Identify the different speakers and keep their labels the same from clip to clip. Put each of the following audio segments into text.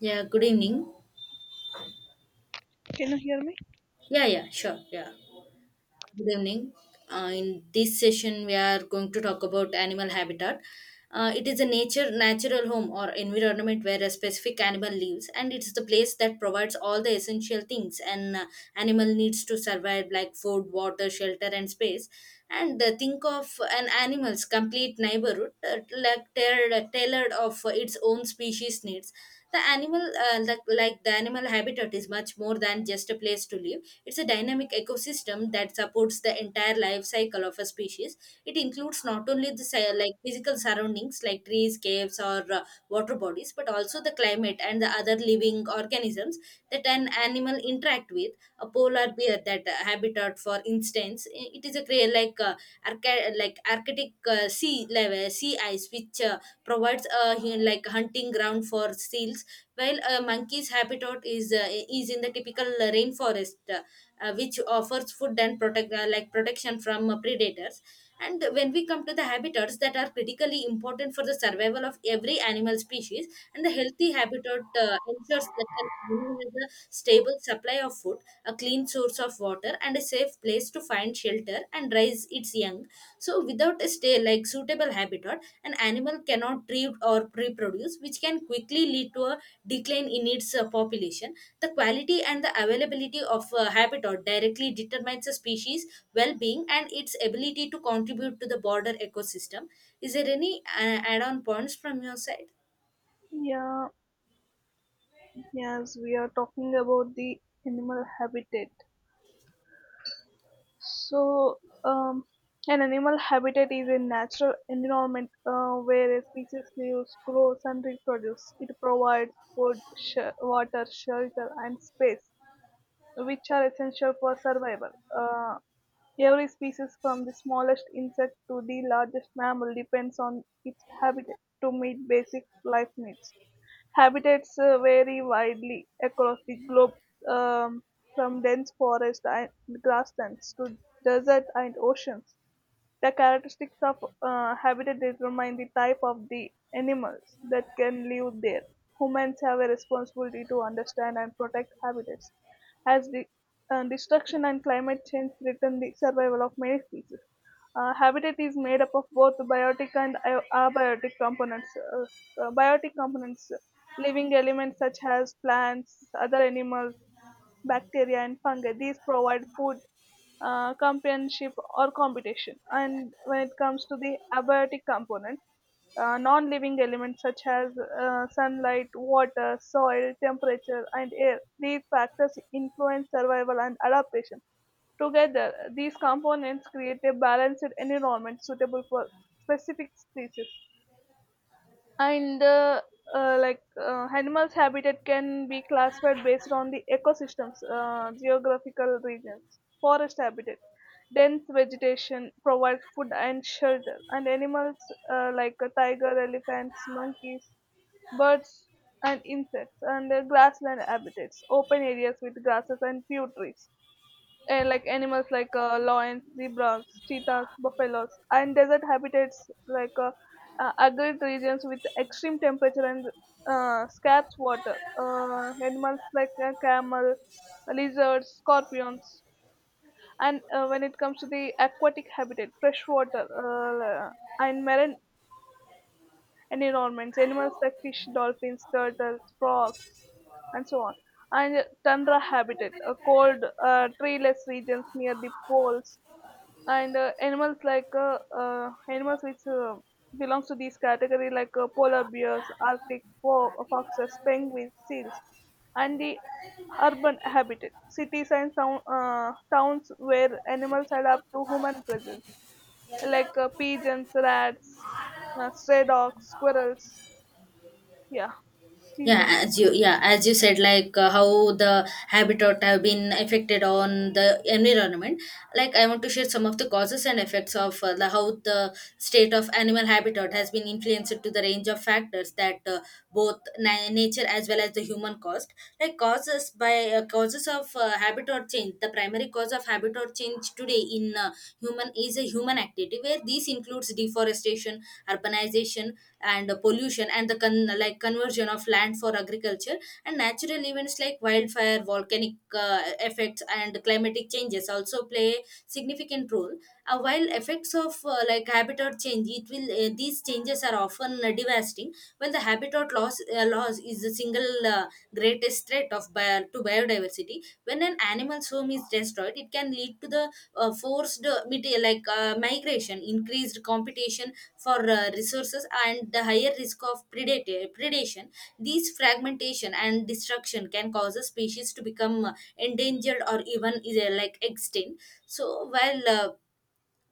Speaker 1: Yeah, good evening.
Speaker 2: Can you hear me?
Speaker 1: Yeah, yeah, sure. Yeah. Good evening. In this session, we are going to talk about animal habitat. It is a nature natural home or environment where a specific animal lives, and it's the place that provides all the essential things an animal needs to survive, like food, water, shelter, and space. And think of an animal's complete neighborhood, like tailored of its own species needs. The animal, like the animal habitat, is much more than just a place to live, it's a dynamic ecosystem that supports the entire life cycle of a species. It includes not only the like physical surroundings like trees, caves, or water bodies, but also the climate and the other living organisms that an animal interact with. A polar bear that habitat, for instance, it is a like like Arctic sea level sea ice, which provides a like hunting ground for seals. While a monkey's habitat is in the typical rainforest, which offers food and protect like protection from predators. And when we come to the habitats that are critically important for the survival of every animal species, and the healthy habitat ensures that an animal has a stable supply of food, a clean source of water, and a safe place to find shelter and raise its young. So, without a stay like suitable habitat, an animal cannot breed or reproduce, which can quickly lead to a decline in its population. The quality and the availability of habitat directly determines a species' well-being and its ability to contribute to the broader ecosystem. Is there any add-on points from your side?
Speaker 2: Yeah, yes, we are talking about the animal habitat. So, um, an animal habitat is a natural environment where a species lives, grows, and reproduces. It provides food, water, shelter, and space, which are essential for survival. Uh, every species, from the smallest insect to the largest mammal, depends on its habitat to meet basic life needs. Habitats vary widely across the globe, um, from dense forests and grasslands to desert and oceans. The characteristics of habitat determine the type of the animals that can live there. Humans have a responsibility to understand and protect habitats, as the destruction and climate change threaten the survival of many species. Habitat is made up of both biotic and abiotic components. Biotic components, living elements such as plants, other animals, bacteria, and fungi. These provide food, companionship, or competition. And when it comes to the abiotic component, non-living elements such as sunlight, water, soil, temperature, and air. These factors influence survival and adaptation. Together, these components create a balanced environment suitable for specific species. And like Animals' habitat can be classified based on the ecosystems, geographical regions, forest habitat. Dense vegetation provides food and shelter, and animals like a tiger, elephants, monkeys, birds, and insects, and grassland habitats, open areas with grasses and few trees, animals like lions, zebras, cheetahs, buffaloes, and desert habitats like uh, arid regions with extreme temperature and scarce water. Animals like camel, lizards, scorpions, and when it comes to the aquatic habitat, freshwater and marine environments, animals like fish, dolphins, turtles, frogs, and so on. And tundra habitat, cold, treeless regions near the poles, and animals animals which belongs to this category like polar bears, arctic foxes, penguins, seals, and the urban habitat, cities and towns where animals adapt to human presence like pigeons, rats, stray dogs, squirrels. Yeah, these
Speaker 1: Yeah,
Speaker 2: are.
Speaker 1: as you, yeah, as you said, like, how the habitat have been affected on the environment, like I want to share some of the causes and effects of how the state of animal habitat has been influenced to the range of factors that both nature as well as the human caused, like causes of habitat change. The primary cause of habitat change today in human is a human activity where this includes deforestation, urbanization, and pollution and the like conversion of land for agriculture, and natural events like wildfire, volcanic uh, effects, and climatic changes also play a significant role. Uh, while effects of like habitat change, it will these changes are often devastating. While the habitat loss is the single greatest threat of to biodiversity. When an animal's home is destroyed, it can lead to the forced like migration, increased competition for resources, and the higher risk of predator predation. These fragmentation and destruction can cause a species to become endangered or even is like extinct. So while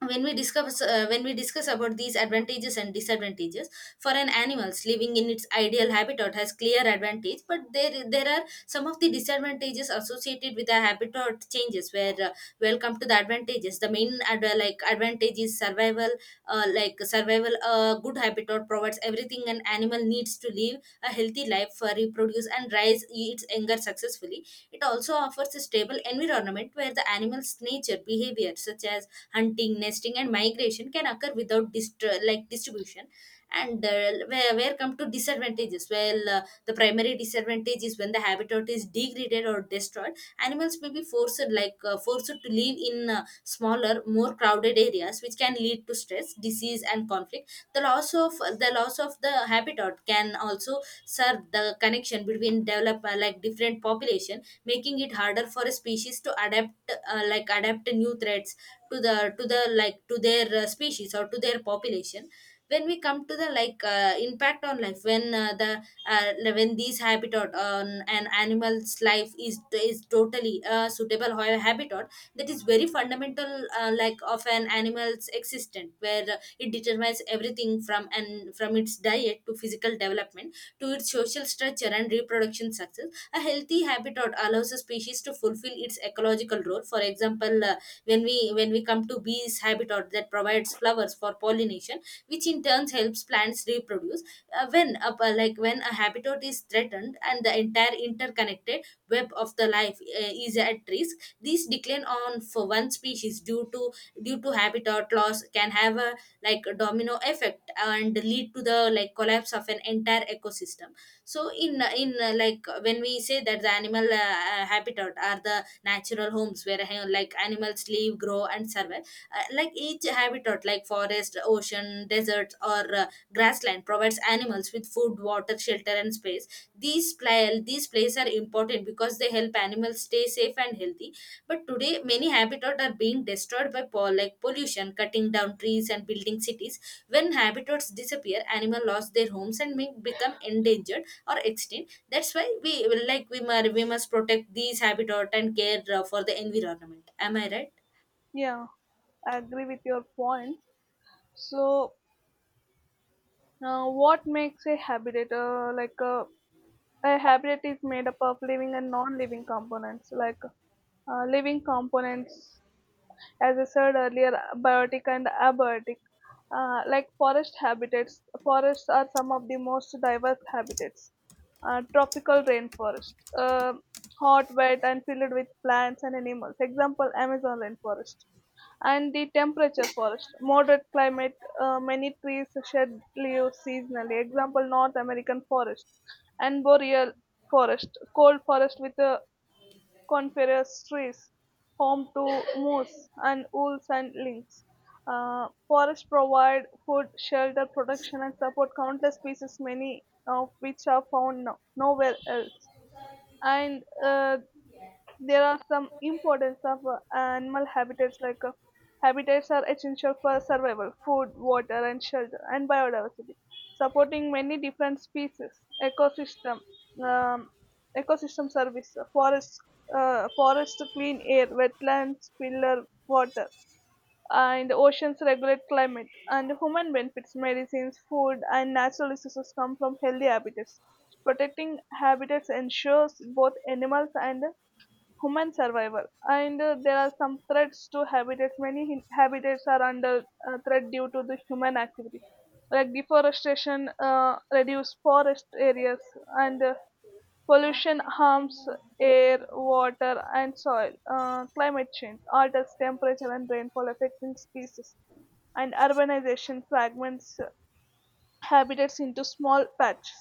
Speaker 1: when we discuss about these advantages and disadvantages for an animals living in its ideal habitat has clear advantage, but there are some of the disadvantages associated with the habitat changes where welcome to the advantages. The main like advantage is survival like survival. A good habitat provides everything an animal needs to live a healthy life, reproduce, and rise its anger successfully. It also offers a stable environment where the animal's nature behavior, such as hunting, nesting, and migration, can occur without like distribution. And where come to disadvantages? Well, the primary disadvantage is when the habitat is degraded or destroyed, animals may be forced to live in smaller, more crowded areas, which can lead to stress, disease, and conflict. The loss of the habitat can also serve the connection between develop like different population, making it harder for a species to adapt like adapt new threats to the like to their species or to their population. When we come to the like impact on life, when the when these habitat on an animal's life is totally suitable habitat, that is very fundamental like of an animal's existence, where it determines everything from its diet to physical development to its social structure and reproduction success. A healthy habitat allows a species to fulfill its ecological role. For example, when we come to bees habitat that provides flowers for pollination, which in turn helps plants reproduce. Like when a habitat is threatened and the entire interconnected web of the life is at risk, this decline on for one species due to habitat loss can have a like a domino effect and lead to the like collapse of an entire ecosystem. So in in uh, like when we say that the animal habitat are the natural homes where like animals live, grow, and survive. Uh, like each habitat, like forest, ocean, deserts, or grassland, provides animals with food, water, shelter, and space. These places are important because they help animals stay safe and healthy. But today, many habitats are being destroyed by like pollution, cutting down trees, and building cities. When habitats disappear, animals lost their homes and may become endangered or extinct. That's why we like we must protect these habitats and care for the environment. Am I right?
Speaker 2: Yeah, I agree with your points. So, what makes a habitat A hybrid is made up of living and non-living components, like living components, as I said earlier, biotic and abiotic. Like forest habitats, forests are some of the most diverse habitats. Tropical rainforest, hot, wet, and filled with plants and animals. Example: Amazon rainforest, and the temperature forest, moderate climate, many trees shed leaves seasonally, example North American forest, and boreal forest, cold forest with coniferous trees, home to moose and wolves and lynx. Forests provide food, shelter, protection, and support countless species, many of which are found nowhere else. And there are some importance of animal habitats, like habitats are essential for survival, food, water and shelter, and biodiversity, supporting many different species, ecosystem, um, ecosystem service, forest clean air, wetlands, pillar water, and oceans regulate climate, and human benefits, medicines, food and natural resources come from healthy habitats. Protecting habitats ensures both animals and human survival. And there are some threats to habitats. Many habitats are under threat due to the human activity, like deforestation reduce forest areas, and pollution harms air, water, and soil, climate change alters temperature and rainfall, affecting species, and urbanization fragments habitats into small patches,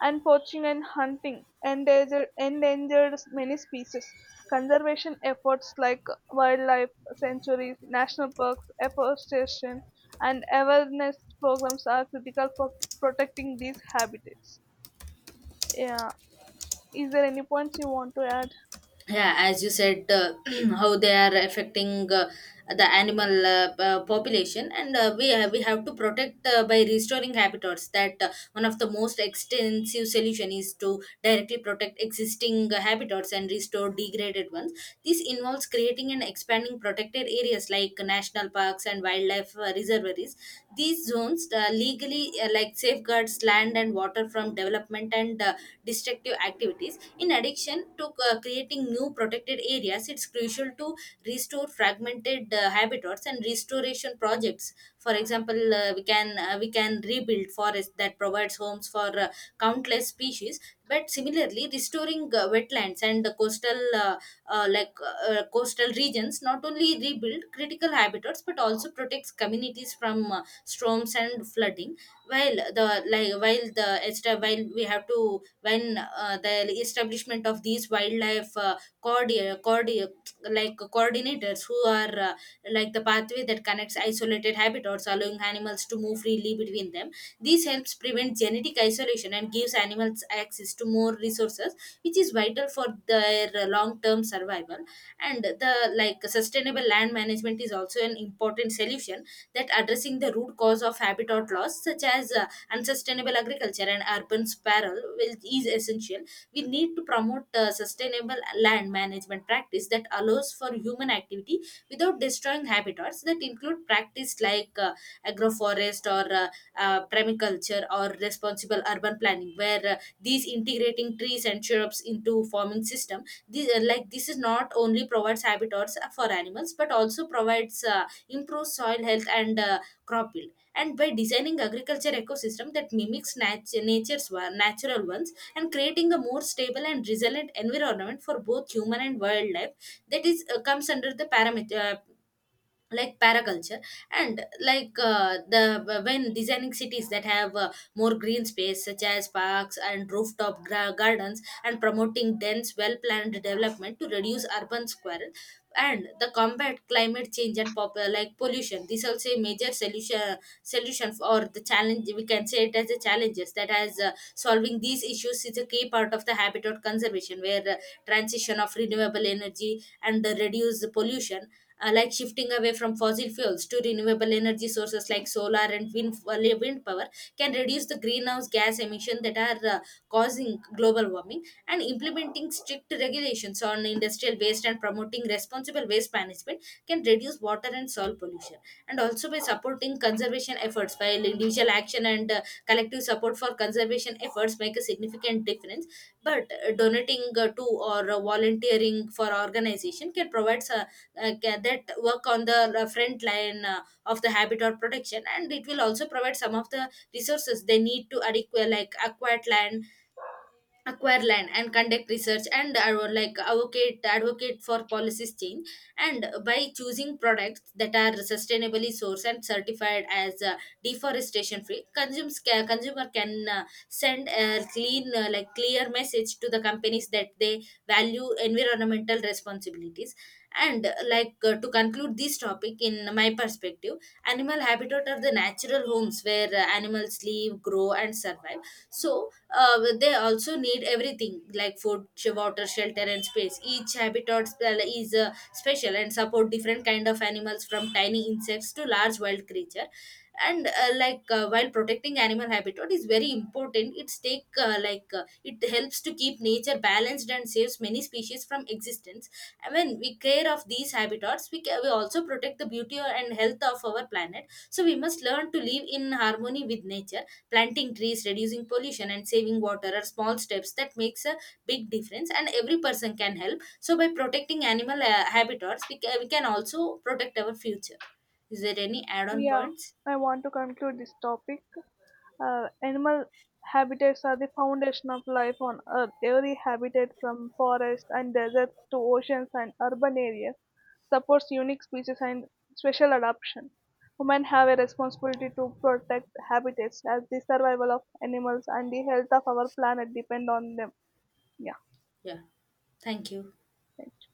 Speaker 2: and poaching and hunting endangered, endangered many species. Conservation efforts like wildlife sanctuaries, national parks, afforestation, and awareness programs are critical for protecting these habitats. Yeah. Is there any points you want to add?
Speaker 1: Yeah, as you said, how they are affecting the animal population, and we have to protect by restoring habitats. That one of the most extensive solution is to directly protect existing habitats and restore degraded ones. This involves creating and expanding protected areas like national parks and wildlife reservoiries. These zones legally like safeguards land and water suffer from development and destructive activities. In addition to creating new protected areas, it's crucial to restore fragmented habitats and restoration projects. For example, we can rebuild forests that provides homes for countless species. But similarly, restoring wetlands and the coastal coastal regions not only rebuild critical habitats but also protects communities from storms and flooding. While the like while the esta- while we have to when the establishment of these wildlife cordi- cordi- like coordinators, who are like the pathway that connects isolated habitats allowing animals to move freely between them, this helps prevent genetic isolation and gives animals access to more resources, which is vital for their long-term survival. And the like sustainable land management is also an important solution. That addressing the root cause of habitat loss, such as unsustainable agriculture and urban sprawl, is essential. We need to promote sustainable land management practice that allows for human activity without destroying habitats. That include practice like agroforest or permaculture or responsible urban planning, where these integrate integrating trees and shrubs into farming system. This is not only provides habitats for animals but also provides improved soil health and crop yield. And by designing agriculture ecosystem that mimics nature's natural ones and creating a more stable and resilient environment for both human and wildlife, that is comes under the parameter like paraculture. And like the when designing cities that have more green space such as parks and rooftop gardens, and promoting dense, well planned development to reduce urban squirrel, and the combat climate change and like pollution, this also a major solution for or the challenge. We can say it as the challenges that has solving these issues is a key part of the habitat conservation, where transition of renewable energy and reduce the pollution. Uh, like shifting away from fossil fuels to renewable energy sources like solar and wind, wind power can reduce the greenhouse gas emission that are causing global warming, and implementing strict regulations on industrial waste and promoting responsible waste management can reduce water and soil pollution. And also by supporting conservation efforts. While individual action and collective support for conservation efforts make a significant difference, but donating to or volunteering for organization can provide that work on the front line of the habitat protection, and it will also provide some of the resources they need to adequate, like acquired land acquire land and conduct research and advocate for policies change. And by choosing products that are sustainably sourced and certified as deforestation free, consumers consumer can send a clean like clear message to the companies that they value environmental responsibilities. And like To conclude this topic in my perspective, animal habitat are the natural homes where animals live, grow, and survive. So they also need everything like food, water, shelter, and space. Each habitat sp- is special and support different kind of animals from tiny insects to large wild creature. And while protecting animal habitat is very important, it's take like it helps to keep nature balanced and saves many species from existence. When we care of these habitats, we also protect the beauty and health of our planet. So we must learn to live in harmony with nature. Planting trees, reducing pollution, and saving water are small steps that makes a big difference, and every person can help. So by protecting animal habitats, we can also protect our future. Is there any add-on
Speaker 2: Yeah,
Speaker 1: points?
Speaker 2: I want to conclude this topic. Animal habitats are the foundation of life on Earth. Every habitat, from forests and deserts to oceans and urban areas, supports unique species and special adaptation. Women have a responsibility to protect habitats, as the survival of animals and the health of our planet depend on them. Yeah,
Speaker 1: Yeah, thank you.
Speaker 2: thank you.